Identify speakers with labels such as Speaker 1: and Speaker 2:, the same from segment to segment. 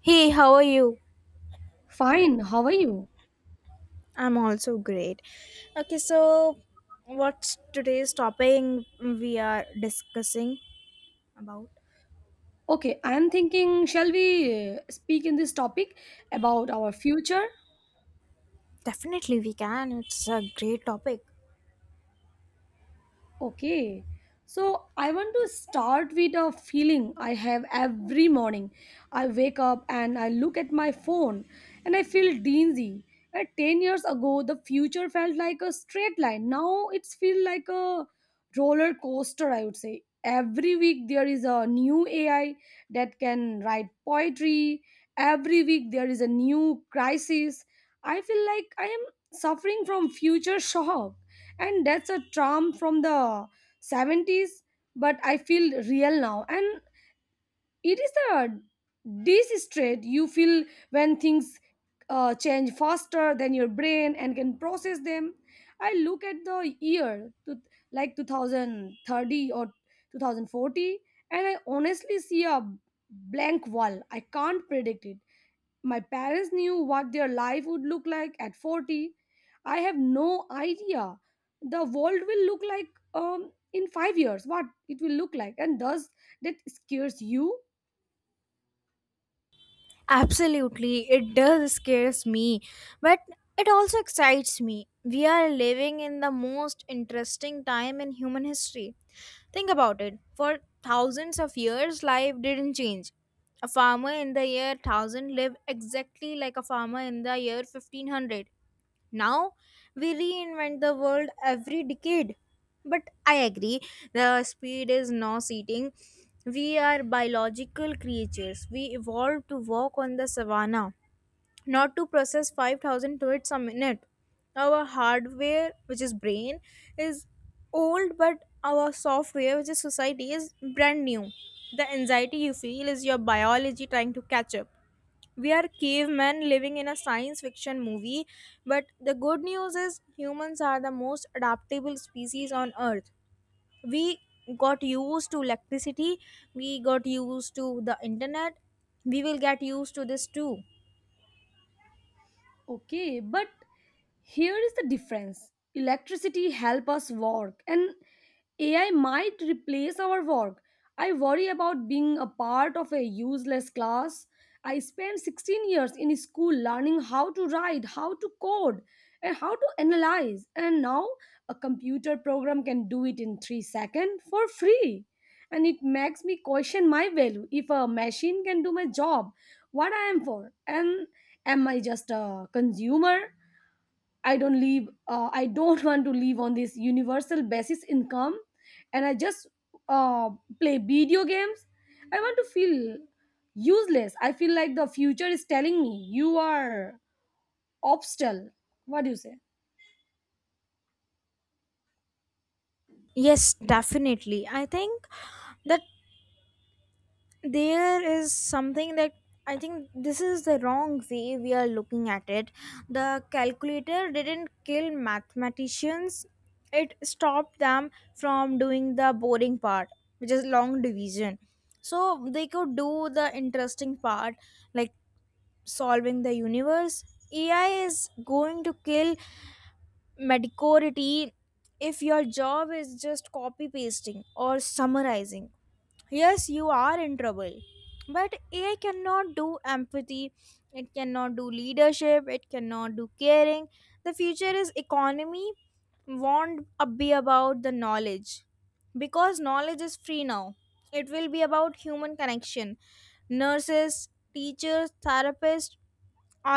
Speaker 1: Hey, how are you?
Speaker 2: Fine, how are you?
Speaker 1: I'm also great. Okay, so what's today's topic we are discussing about?
Speaker 2: Okay, I am thinking, shall we speak in this topic about our future?
Speaker 1: Definitely, we can. It's a great topic.
Speaker 2: Okay. So I want to start with a feeling I have every morning. I wake up and I look at my phone and I feel dizzy. At 10 years ago, the future felt like a straight line. Now it's feel like a roller coaster, I would say. Every week there is a new AI that can write poetry. Every week there is a new crisis. I feel like I am suffering from future shock, and that's a charm from the '70s, but I feel real now. And it is the distress you feel when things change faster than your brain and can process them. I look at the year to, like 2030 or 2040, and I honestly see a blank wall. I can't predict it. My parents knew what their life would look like at 40. I have no idea. The world will look like, in 5 years, what it will look like. And thus, that scares you.
Speaker 1: Absolutely, it does scares me, but it also excites me. We are living in the most interesting time in human history. Think about it. For thousands of years, life didn't change. A farmer in the year 1000 lived exactly like a farmer in the year 1500. Now we reinvent the world every decade. But I agree, the speed is now eating. We are biological creatures. We evolved to walk on the savannah, not to process 5,000 tweets a minute. Our hardware, which is brain, is old, but our software, which is society, is brand new. The anxiety you feel is your biology trying to catch up. We are cavemen living in a science fiction movie, but the good news is humans are the most adaptable species on earth. We got used to electricity, we got used to the internet, we will get used to this too.
Speaker 2: Okay, but here is the difference. Electricity help us work, and AI might replace our work. I worry about being a part of a useless class. I spent 16 years in school learning how to write, how to code, and how to analyze. And now a computer program can do it in 3 seconds for free. And it makes me question my value. If a machine can do my job, what I am for. And am I just a consumer? I don't live, I don't want to live on this universal basis income and I just uh, play video games. I want to feel useless. I feel like the future is telling me you are obstacle. What do you say?
Speaker 1: Yes, definitely. I think that there is something that, I think this is the wrong way we are looking at it. The calculator didn't kill mathematicians, it stopped them from doing the boring part, which is long division, so they could do the interesting part, like solving the universe. AI is going to kill mediocrity. If your job is just copy pasting or summarizing, yes, you are in trouble. But AI cannot do empathy, it cannot do leadership, it cannot do caring. The future is economy won't be about the knowledge, because knowledge is free now. It will be about human connection. Nurses, teachers, therapists,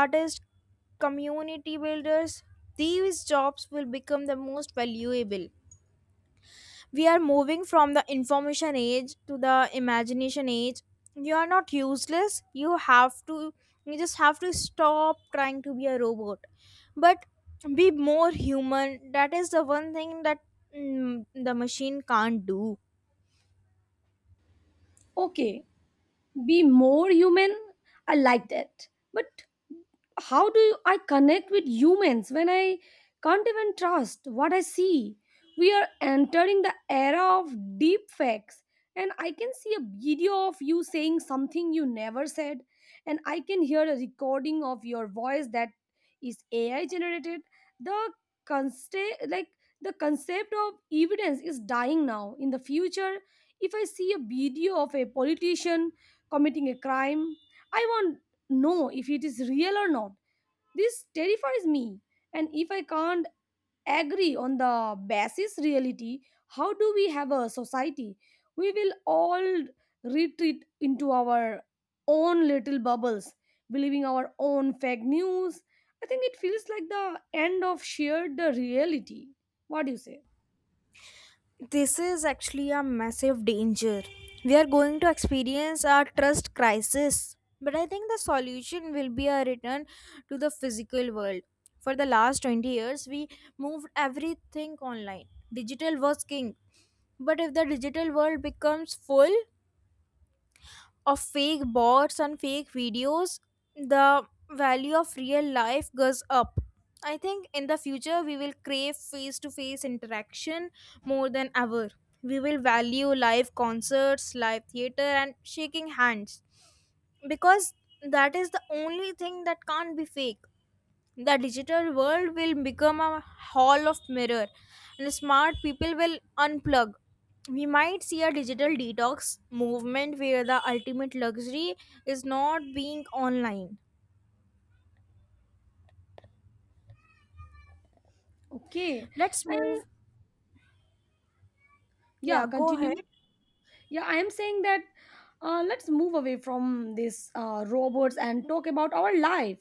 Speaker 1: artists, community builders, these jobs will become the most valuable. We are moving from the information age to the imagination age. You are not useless. You have to, you just have to stop trying to be a robot, but be more human. That is the one thing that, the machine can't do.
Speaker 2: Okay, be more human. I like that, but how do I connect with humans when I can't even trust what I see? We are entering the era of deep facts, and I can see a video of you saying something you never said, and I can hear a recording of your voice that is AI generated. The concept, like the concept of evidence, is dying now. In the future, if I see a video of a politician committing a crime, I won't know if it is real or not. This terrifies me. And if I can't agree on the basis reality, how do we have a society? We will all retreat into our own little bubbles, believing our own fake news. I think it feels like the end of shared the reality. What do you say?
Speaker 1: This is actually a massive danger. We are going to experience a trust crisis. But I think the solution will be a return to the physical world. For the last 20 years, we moved everything online. Digital was king. But if the digital world becomes full of fake bots and fake videos, the value of real life goes up. I think in the future we will crave face to face interaction more than ever. We will value live concerts, live theater, and shaking hands, because that is the only thing that can't be fake. The digital world will become a hall of mirror, and smart people will unplug. We might see a digital detox movement where the ultimate luxury is not being online.
Speaker 2: Okay.
Speaker 1: Let's
Speaker 2: And
Speaker 1: move. Yeah,
Speaker 2: yeah,
Speaker 1: go ahead.
Speaker 2: continue. Yeah, I am saying that let's move away from these robots and talk about our life.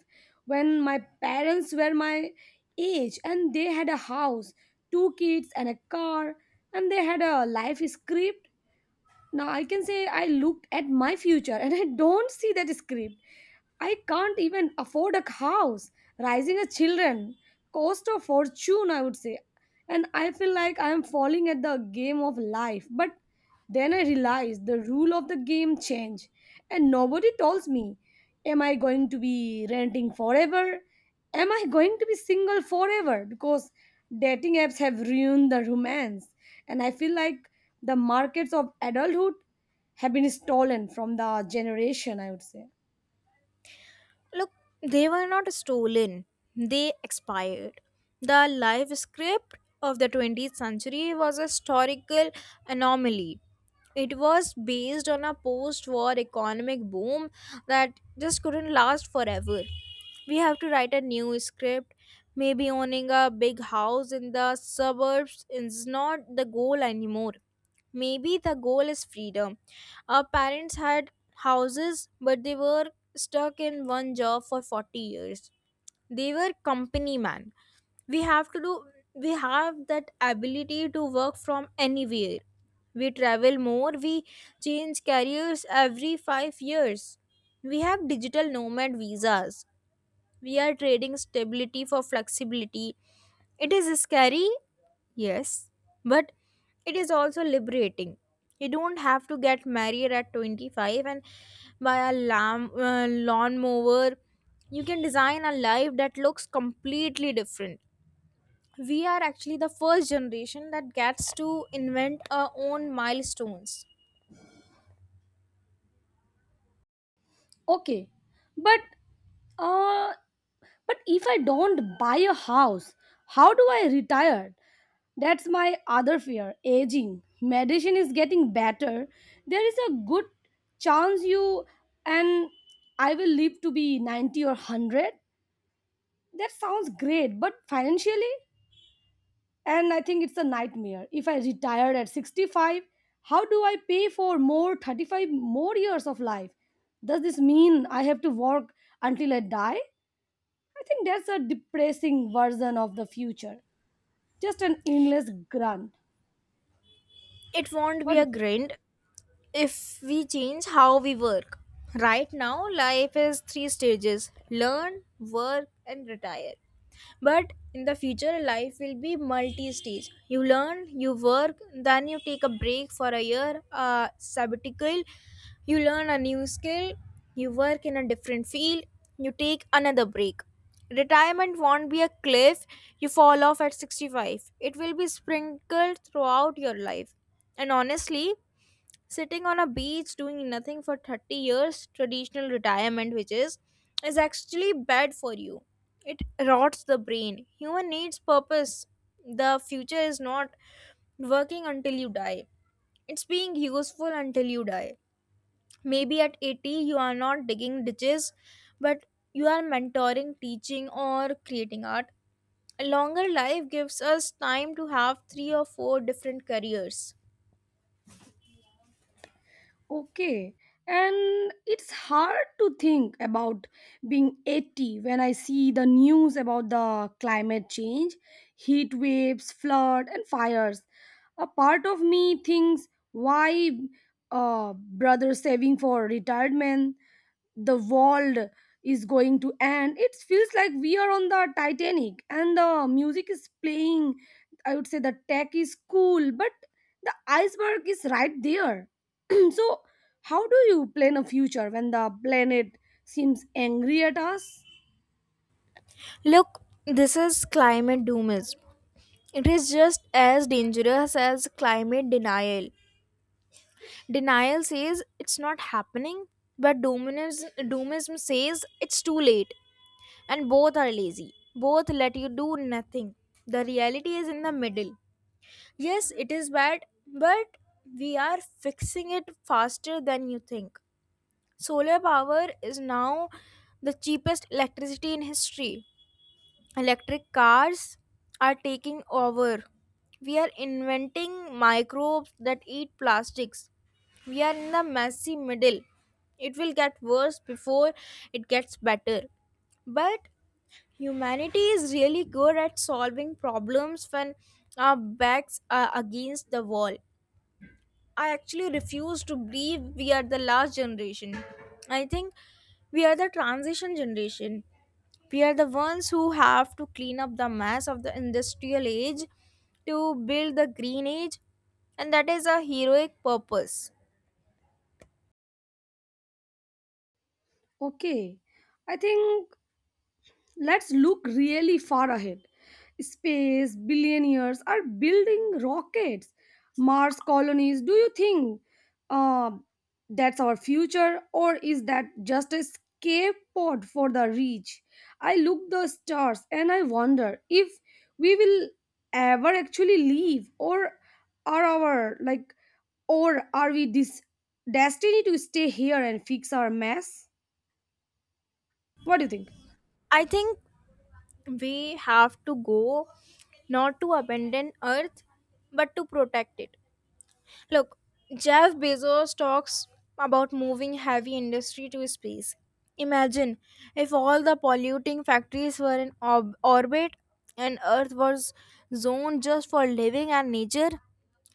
Speaker 2: When my parents were my age, and they had a house, two kids, and a car, and they had a life script. Now I can say I looked at my future and I don't see that script. I can't even afford a house. Raising a children cost a fortune, I would say. And I feel like I am falling at the game of life. But then I realize the rule of the game change. And nobody tells me, am I going to be renting forever? Am I going to be single forever? Because dating apps have ruined the romance, and I feel like the markets of adulthood have been stolen from the generation. I would say.
Speaker 1: Look, they were not stolen, they expired. The life script of the 20th century was a historical anomaly. It was based on a post war economic boom that just couldn't last forever. We have to write a new script. Maybe owning a big house in the suburbs is not the goal anymore. Maybe the goal is freedom. Our parents had houses, but they were stuck in one job for 40 years. They were company man. We have to do we have that ability to work from anywhere. We travel more, we change careers every 5 years. We have digital nomad visas. We are trading stability for flexibility. It is scary, yes, but it is also liberating. You don't have to get married at 25 and buy a lawnmower. You can design a life that looks completely different. We are actually the first generation that gets to invent our own milestones.
Speaker 2: Okay, but uh, but if I don't buy a house, how do I retire? That's my other fear aging. Medicine is getting better. There is a good chance you and I will live to be 90 or 100. That sounds great, but financially? And I think it's a nightmare. If I retire at 65, how do I pay for more 35 more years of life? Does this mean I have to work until I die? I think that's a depressing version of the future. Just an endless grunt.
Speaker 1: It won't be
Speaker 2: What
Speaker 1: a
Speaker 2: is it?
Speaker 1: grind if we change how we work. Right now, life is three stages: learn, work, and retire. But in the future, life will be multi stage. You learn, you work, then you take a break for a year, a sabbatical, you learn a new skill, you work in a different field, you take another break. Retirement won't be a cliff you fall off at 65. It will be sprinkled throughout your life. And honestly, sitting on a beach doing nothing for 30 years, traditional retirement, which is actually bad for you. It rots the brain. Human needs purpose. The future is not working until you die, it's being useful until you die. Maybe at 80 you are not digging ditches, but you are mentoring, teaching, or creating art. A longer life gives us time to have three or four different careers.
Speaker 2: Okay. And it's hard to think about being 80 when I see the news about the climate change, heat waves, flood, and fires. A part of me thinks why brother saving for retirement? The world is going to end. It feels like we are on the Titanic and the music is playing. I would say the tech is cool, but the iceberg is right there. So how do you plan a future when the planet seems angry at us?
Speaker 1: Look, this is climate doomers. It is just as dangerous as climate denial. Denial says it's not happening, but doomism, doomism says it's too late. And both are lazy. Both let you do nothing. The reality is in the middle. Yes, it is bad, but we are fixing it faster than you think. Solar power is now the cheapest electricity in history. Electric cars are taking over. We are inventing microbes that eat plastics. We are in the messy middle. It will get worse before it gets better. But humanity is really good at solving problems when our backs are against the wall. I actually refuse to believe we are the last generation. I think we are the transition generation. We are the ones who have to clean up the mess of the industrial age to build the green age, and that is a heroic purpose.
Speaker 2: Okay, I think let's look really far ahead. Space billionaires are building rockets, Mars colonies. Do you think uh, that's our future, or is that just a escape pod for the rich? I look the stars and I wonder if we will ever actually leave, or are our like, or are we this destiny to stay here and fix our mess? What do you think?
Speaker 1: I think we have to go, not to abandon earth, but to protect it. Look, Jeff Bezos talks about moving heavy industry to space. Imagine if all the polluting factories were in orbit and Earth was zoned just for living and nature.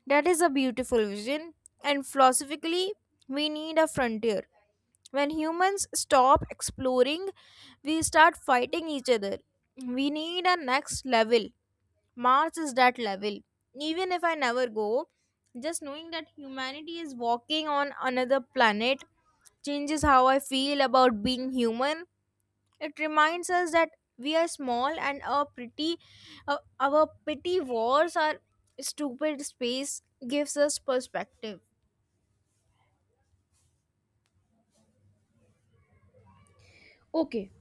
Speaker 1: That is a beautiful vision, and philosophically, we need a frontier. When humans stop exploring, we start fighting each other. We need a next level. Mars is that level. Even if I never go, just knowing that humanity is walking on another planet changes how I feel about being human. It reminds us that we are small and our pretty, our petty wars, our stupid space gives us perspective.
Speaker 2: Okay,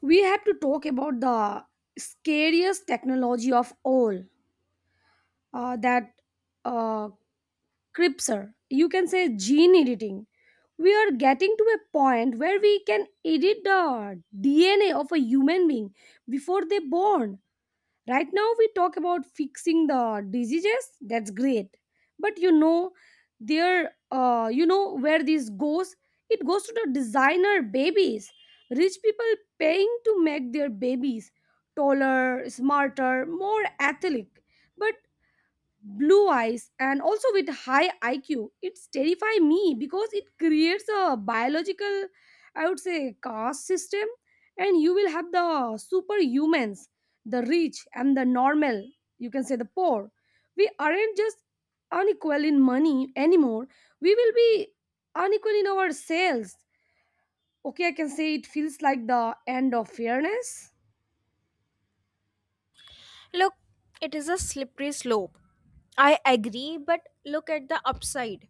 Speaker 2: we have to talk about the scariest technology of all, that uh, cripser, you can say gene editing. We are getting to a point where we can edit the DNA of a human being before they born. Right now, we talk about fixing the diseases. That's great. But you know, there, you know where this goes? It goes to the designer babies. Rich people paying to make their babies taller, smarter, more athletic. But blue eyes and also with high IQ. It's terrify me because it creates a biological, I would say, caste system, and you will have the superhumans, the rich, and the normal. You can say the poor. We aren't just unequal in money anymore. We will be unequal in our sales. Okay, I can say it feels like the end of fairness.
Speaker 1: Look, it is a slippery slope. I agree, but look at the upside.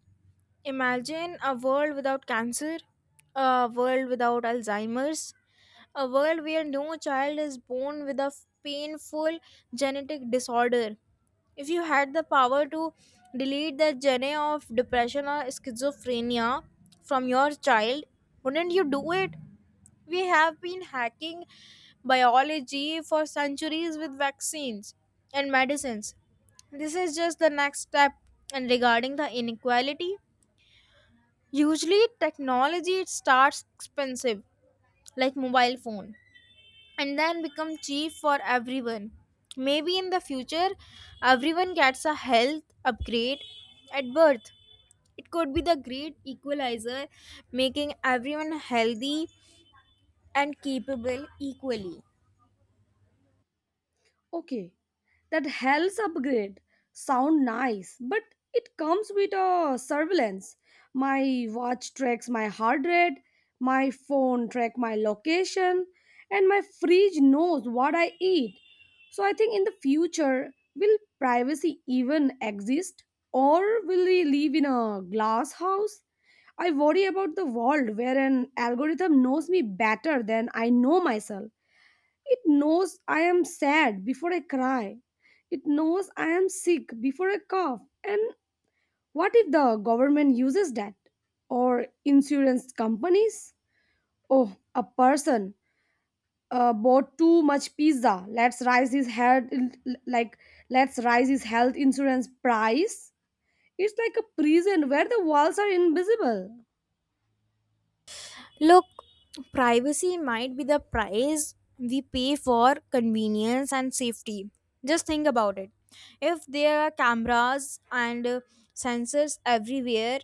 Speaker 1: Imagine a world without cancer, a world without Alzheimer's, a world where no child is born with a painful genetic disorder. If you had the power to delete the gene of depression or schizophrenia from your child, wouldn't you do it? We have been hacking biology for centuries with vaccines and medicines. This is just the next step. And regarding the inequality, usually technology starts expensive, like mobile phone, and then become cheap for everyone. Maybe in the future, everyone gets a health upgrade at birth. It could be the great equalizer, making everyone healthy and capable equally.
Speaker 2: Okay, that hell's upgrade sound nice, but it comes with a surveillance. My watch tracks my heart rate, my phone track my location, and my fridge knows what I eat. So I think in the future, will privacy even exist, or will we live in a glass house? I worry about the world where an algorithm knows me better than I know myself. It knows I am sad before I cry. It knows I am sick before I cough. And what if the government uses that? Or insurance companies? Oh, a person bought too much pizza. Let's raise his head, like, let's raise his health insurance price. It's like a prison where the walls are invisible.
Speaker 1: Look, privacy might be the price we pay for convenience and safety. Just think about it. If there are cameras and sensors everywhere,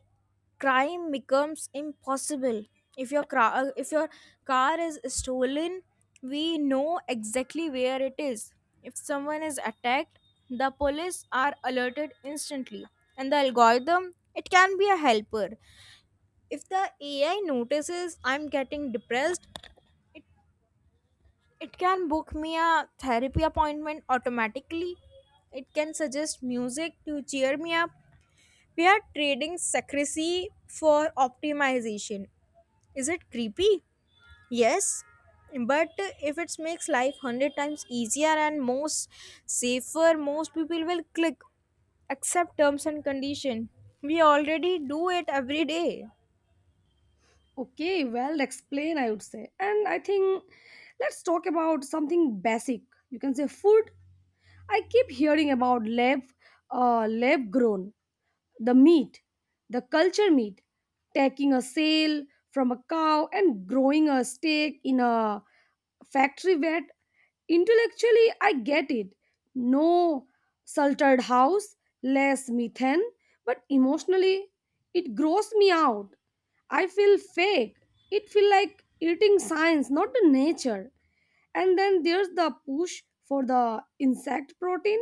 Speaker 1: crime becomes impossible. If your car is stolen, we know exactly where it is. If someone is attacked, the police are alerted instantly, and the algorithm, it can be a helper. If the AI notices I'm getting depressed, it can book me a therapy appointment automatically. It can suggest music to cheer me up. We are trading secrecy for optimization. Is it creepy? Yes. But if it makes life 100 times easier and most safer, most people will click accept terms and condition. We already do it every day.
Speaker 2: Okay, well explained, I would say. And I think let's talk about something basic. You can say food. I keep hearing about lab grown the meat, the culture meat, taking a sale from a cow and growing a steak in a factory vet. Intellectually, I get it. No salted house, less methane, but emotionally, it grows me out. I feel fake. It feels like eating science, not the nature. And then there's the push for the insect protein,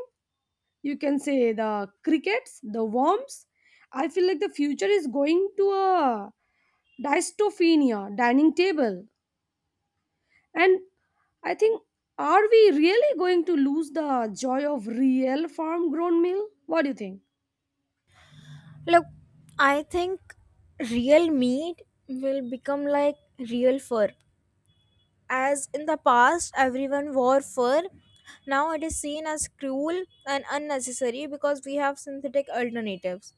Speaker 2: you can say the crickets, the worms. I feel like the future is going to a dystophenia dining table. And I think, are we really going to lose the joy of real farm grown meal? What do you think?
Speaker 1: Look, I think real meat will become like real fur. As in the past, everyone wore fur. Now it is seen as cruel and unnecessary because we have synthetic alternatives.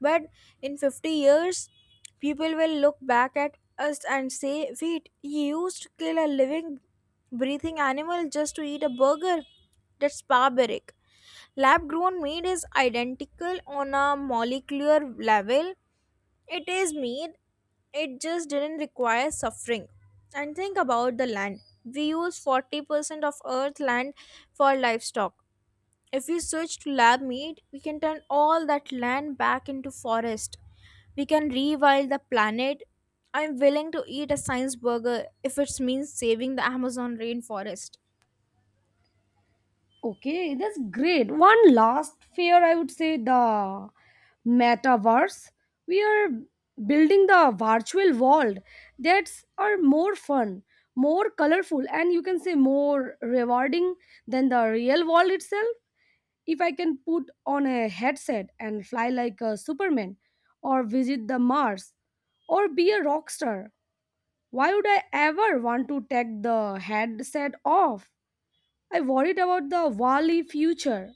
Speaker 1: But in 50 years, people will look back at us and say, wait, you used to kill a living, breathing animal just to eat a burger? That's barbaric. Lab grown meat is identical on a molecular level. It is mean. It just didn't require suffering. And think about the land. We use 40% of earth land for livestock. If we switch to lab meat, we can turn all that land back into forest. We can rewild the planet. I'm willing to eat a science burger if it means saving the Amazon rainforest.
Speaker 2: Okay, that's great. One last fear, I would say the metaverse. We are building the virtual world that's are more fun, more colorful, and you can say more rewarding than the real world itself. If I can put on a headset and fly like a Superman, or visit the Mars, or be a rock star, why would I ever want to take the headset off? I worried about the Wali future.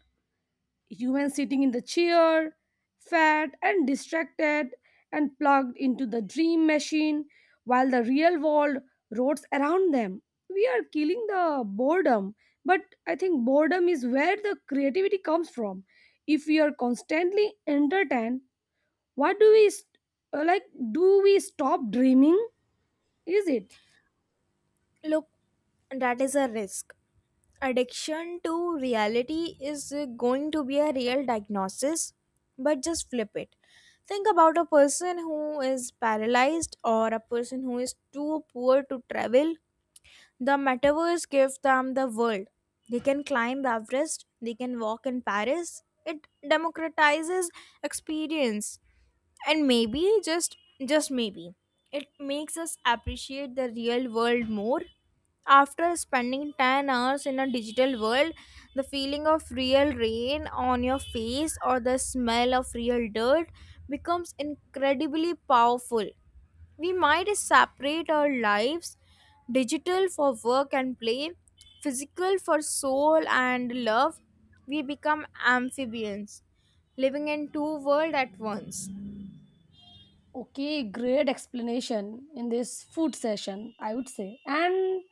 Speaker 2: Humans sitting in the chair, fat and distracted and plugged into the dream machine, while the real world rots around them. We are killing the boredom, but I think boredom is where the creativity comes from. If we are constantly entertained, what do we st- like? Do we stop dreaming? Is it?
Speaker 1: Look, that is a risk. Addiction to reality is going to be a real diagnosis, but just flip it. Think about a person who is paralyzed or a person who is too poor to travel. The metaverse gives them the world. They can climb Everest, they can walk in Paris. It democratizes experience. And maybe just maybe it makes us appreciate the real world more. After spending 10 hours in a digital world, the feeling of real rain on your face or the smell of real dirt becomes incredibly powerful. We might separate our lives: digital for work and play, physical for soul and love. We become amphibians living in two worlds at once.
Speaker 2: Okay, great explanation in this food session, I would say. And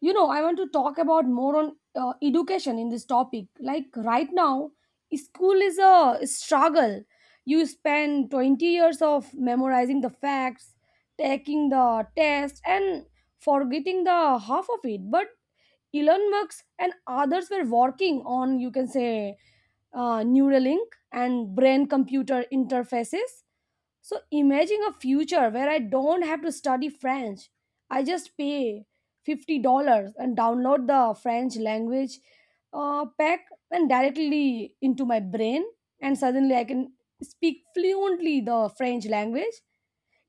Speaker 2: you know, I want to talk about more on education in this topic. Like right now, school is a struggle. You spend 20 years of memorizing the facts, taking the test, and forgetting the half of it. But Elon Musk and others were working on, you can say, Neuralink and brain computer interfaces. So imagine a future where I don't have to study French. I just pay $50 and download the French language pack and directly into my brain, and suddenly I can speak fluently the French language.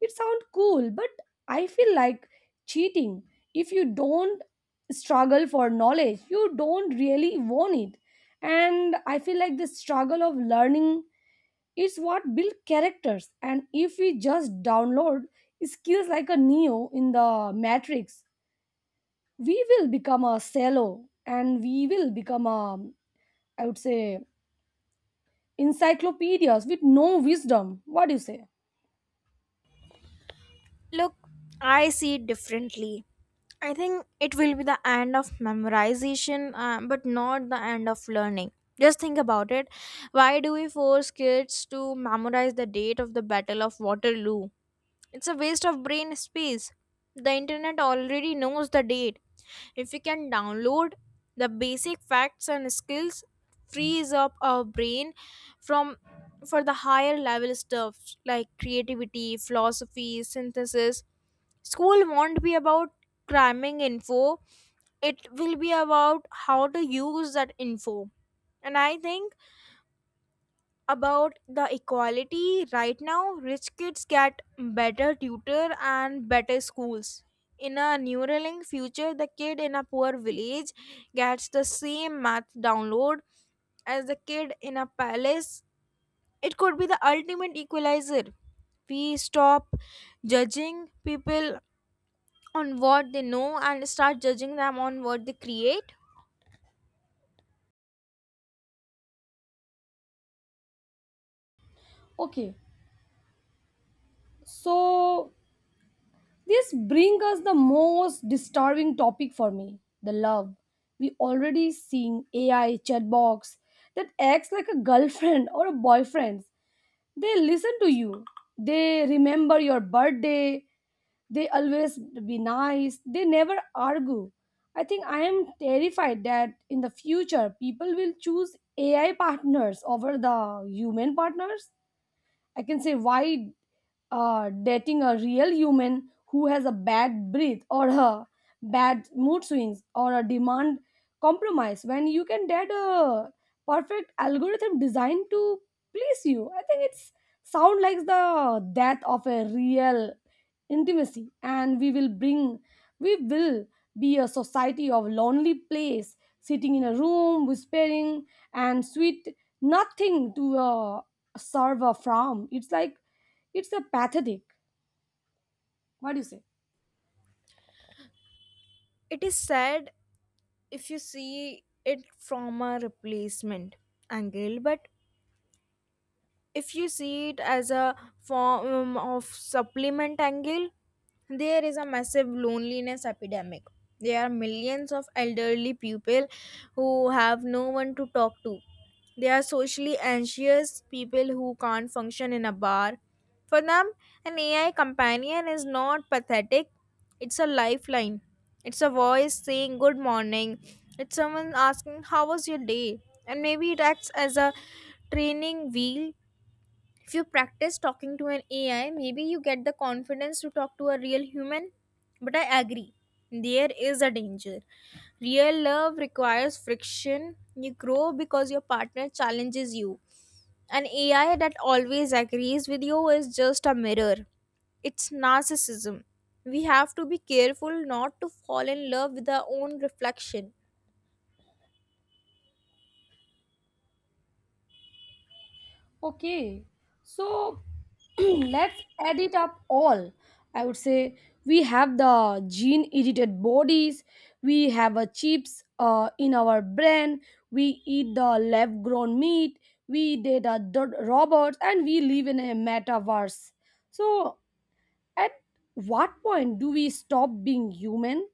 Speaker 2: It sounds cool, but I feel like cheating. If you don't struggle for knowledge, you don't really want it. And I feel like the struggle of learning, it's what build characters. And if we just download skills like a Neo in the Matrix, we will become a cello, and we will become a, I would say, encyclopedias with no wisdom. What do you say?
Speaker 1: Look, I see it differently. I think it will be the end of memorization, but not the end of learning. Just think about it. Why do we force kids to memorize the date of the Battle of Waterloo? It's a waste of brain space. The internet already knows the date. If we can download the basic facts and skills, frees up our brain from for the higher level stuff like creativity, philosophy, synthesis. School won't be about cramming info, it will be about how to use that info. And I think about the equality right now, rich kids get better tutor and better schools. In a Neuralink future, the kid in a poor village gets the same math download as the kid in a palace, it could be the ultimate equalizer. We stop judging people on what they know and start judging them on what they create.
Speaker 2: Okay, so this brings us the most disturbing topic for me the love. We already seeing AI chatbox that acts like a girlfriend or a boyfriend. They listen to you. They remember your birthday. They always be nice. They never argue. I think I am terrified that in the future people will choose AI partners over the human partners. I can say why dating a real human who has a bad breath or a bad mood swings or a demand compromise, when you can date a perfect algorithm designed to please you. I think it's sound like the death of a real intimacy, and we will be a society of lonely place sitting in a room whispering and sweet nothing to a server from. It's like it's a pathetic. What do you say?
Speaker 1: It is sad if you see it from a replacement angle, but if you see it as a form of supplement angle, there is a massive loneliness epidemic. There are millions of elderly people who have no one to talk to. They are socially anxious people who can't function in a bar. For them, an AI companion is not pathetic, it's a lifeline. It's a voice saying good morning, it's someone asking how was your day. And maybe it acts as a training wheel. If you practice talking to an AI, maybe you get the confidence to talk to a real human. But I agree, there is a danger. Real love requires friction. You grow because your partner challenges you. An AI that always agrees with you is just a mirror. It's narcissism. We have to be careful not to fall in love with our own reflection.
Speaker 2: Okay, so let's add it up all, I would say. We have the gene edited bodies, we have a chips in our brain, we eat the lab grown meat, we date a dot robots, and we live in a metaverse. So at what point do we stop being human?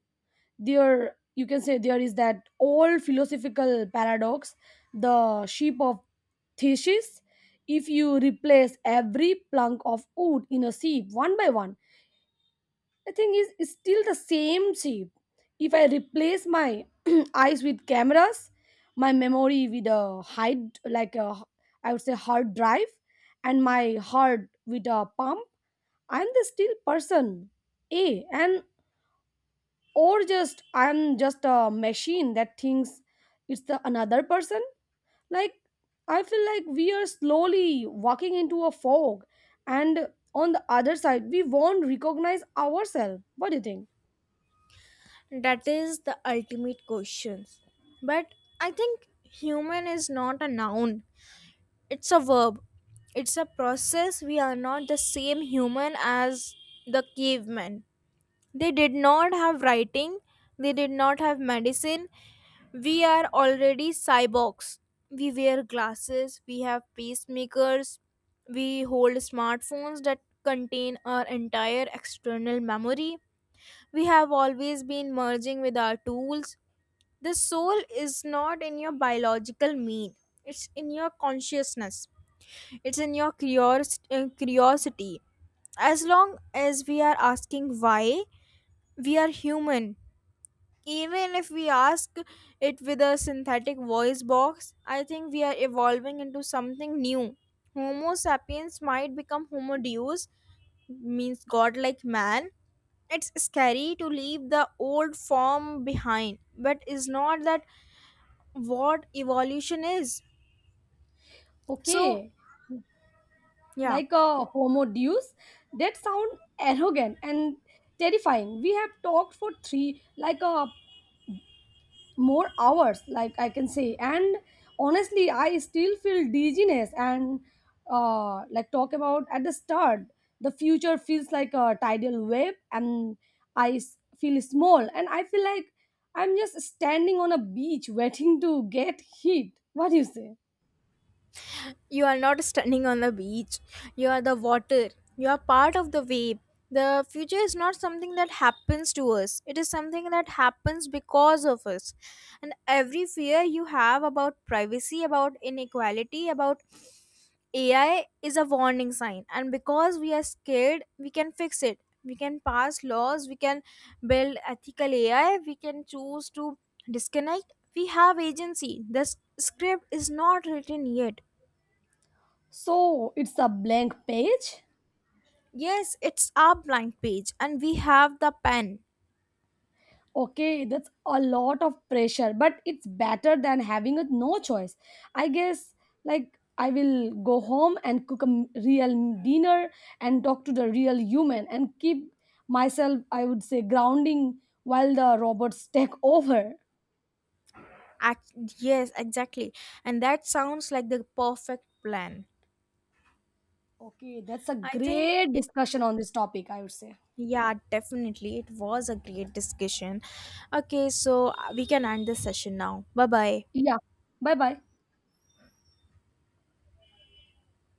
Speaker 2: There, you can say, there is that old philosophical paradox, the sheep of thesis. If you replace every plank of wood in a sheep one by one, the thing is it's still the same sheep. If I replace my eyes with cameras, my memory with a hide like I would say hard drive, and my heart with a pump, I'm the still person. A and or just I'm just a machine that thinks. It's the another person. Like, I feel like we are slowly walking into a fog, and on the other side we won't recognize ourselves. What do you think?
Speaker 1: That is the ultimate question. But I think human is not a noun. It's a verb. It's a process. We are not the same human as the cavemen. They did not have writing, they did not have medicine. We are already cyborgs. We wear glasses, we have pacemakers, we hold smartphones that contain our entire external memory. We have always been merging with our tools. The soul is not in your biological mean, it's in your consciousness, it's in your curiosity. As long as we are asking why, we are human. Even if we ask it with a synthetic voice box, I think we are evolving into something new. Homo sapiens might become homo deus, means godlike man. It's scary to leave the old form behind, but is not that what evolution is? So
Speaker 2: Okay,
Speaker 1: yeah,
Speaker 2: like a homo deus. That sound arrogant and terrifying. We have talked for three like a more hours, like I can say. And honestly, I still feel dizziness and like talk about at the start, the future feels like a tidal wave. And feel small, and I feel like I'm just standing on a beach waiting to get hit. What do you say?
Speaker 1: you are not standing on the beach. You are the water. You are part of the wave. The future is not something that happens to us. It is something that happens because of us. And every fear you have about privacy, about inequality, about AI is a warning sign. And because we are scared, we can fix it. We can pass laws, we can build ethical AI, we can choose to disconnect. We have agency. The script is not written yet.
Speaker 2: So it's a blank page.
Speaker 1: Yes, it's our blank page, and we have the pen.
Speaker 2: Okay, that's a lot of pressure, but it's better than having a no choice. I guess, like, I will go home and cook real dinner and talk to the real human and keep myself, I would say, grounding while the robots take over.
Speaker 1: Act- yes, exactly. And that sounds like the perfect plan.
Speaker 2: Okay, that's a
Speaker 1: I think
Speaker 2: great
Speaker 1: it,
Speaker 2: discussion on this topic, I would say.
Speaker 1: yeah, definitely. It was a great discussion. Okay, so we can end this session now. Bye bye.
Speaker 2: Yeah. Bye bye.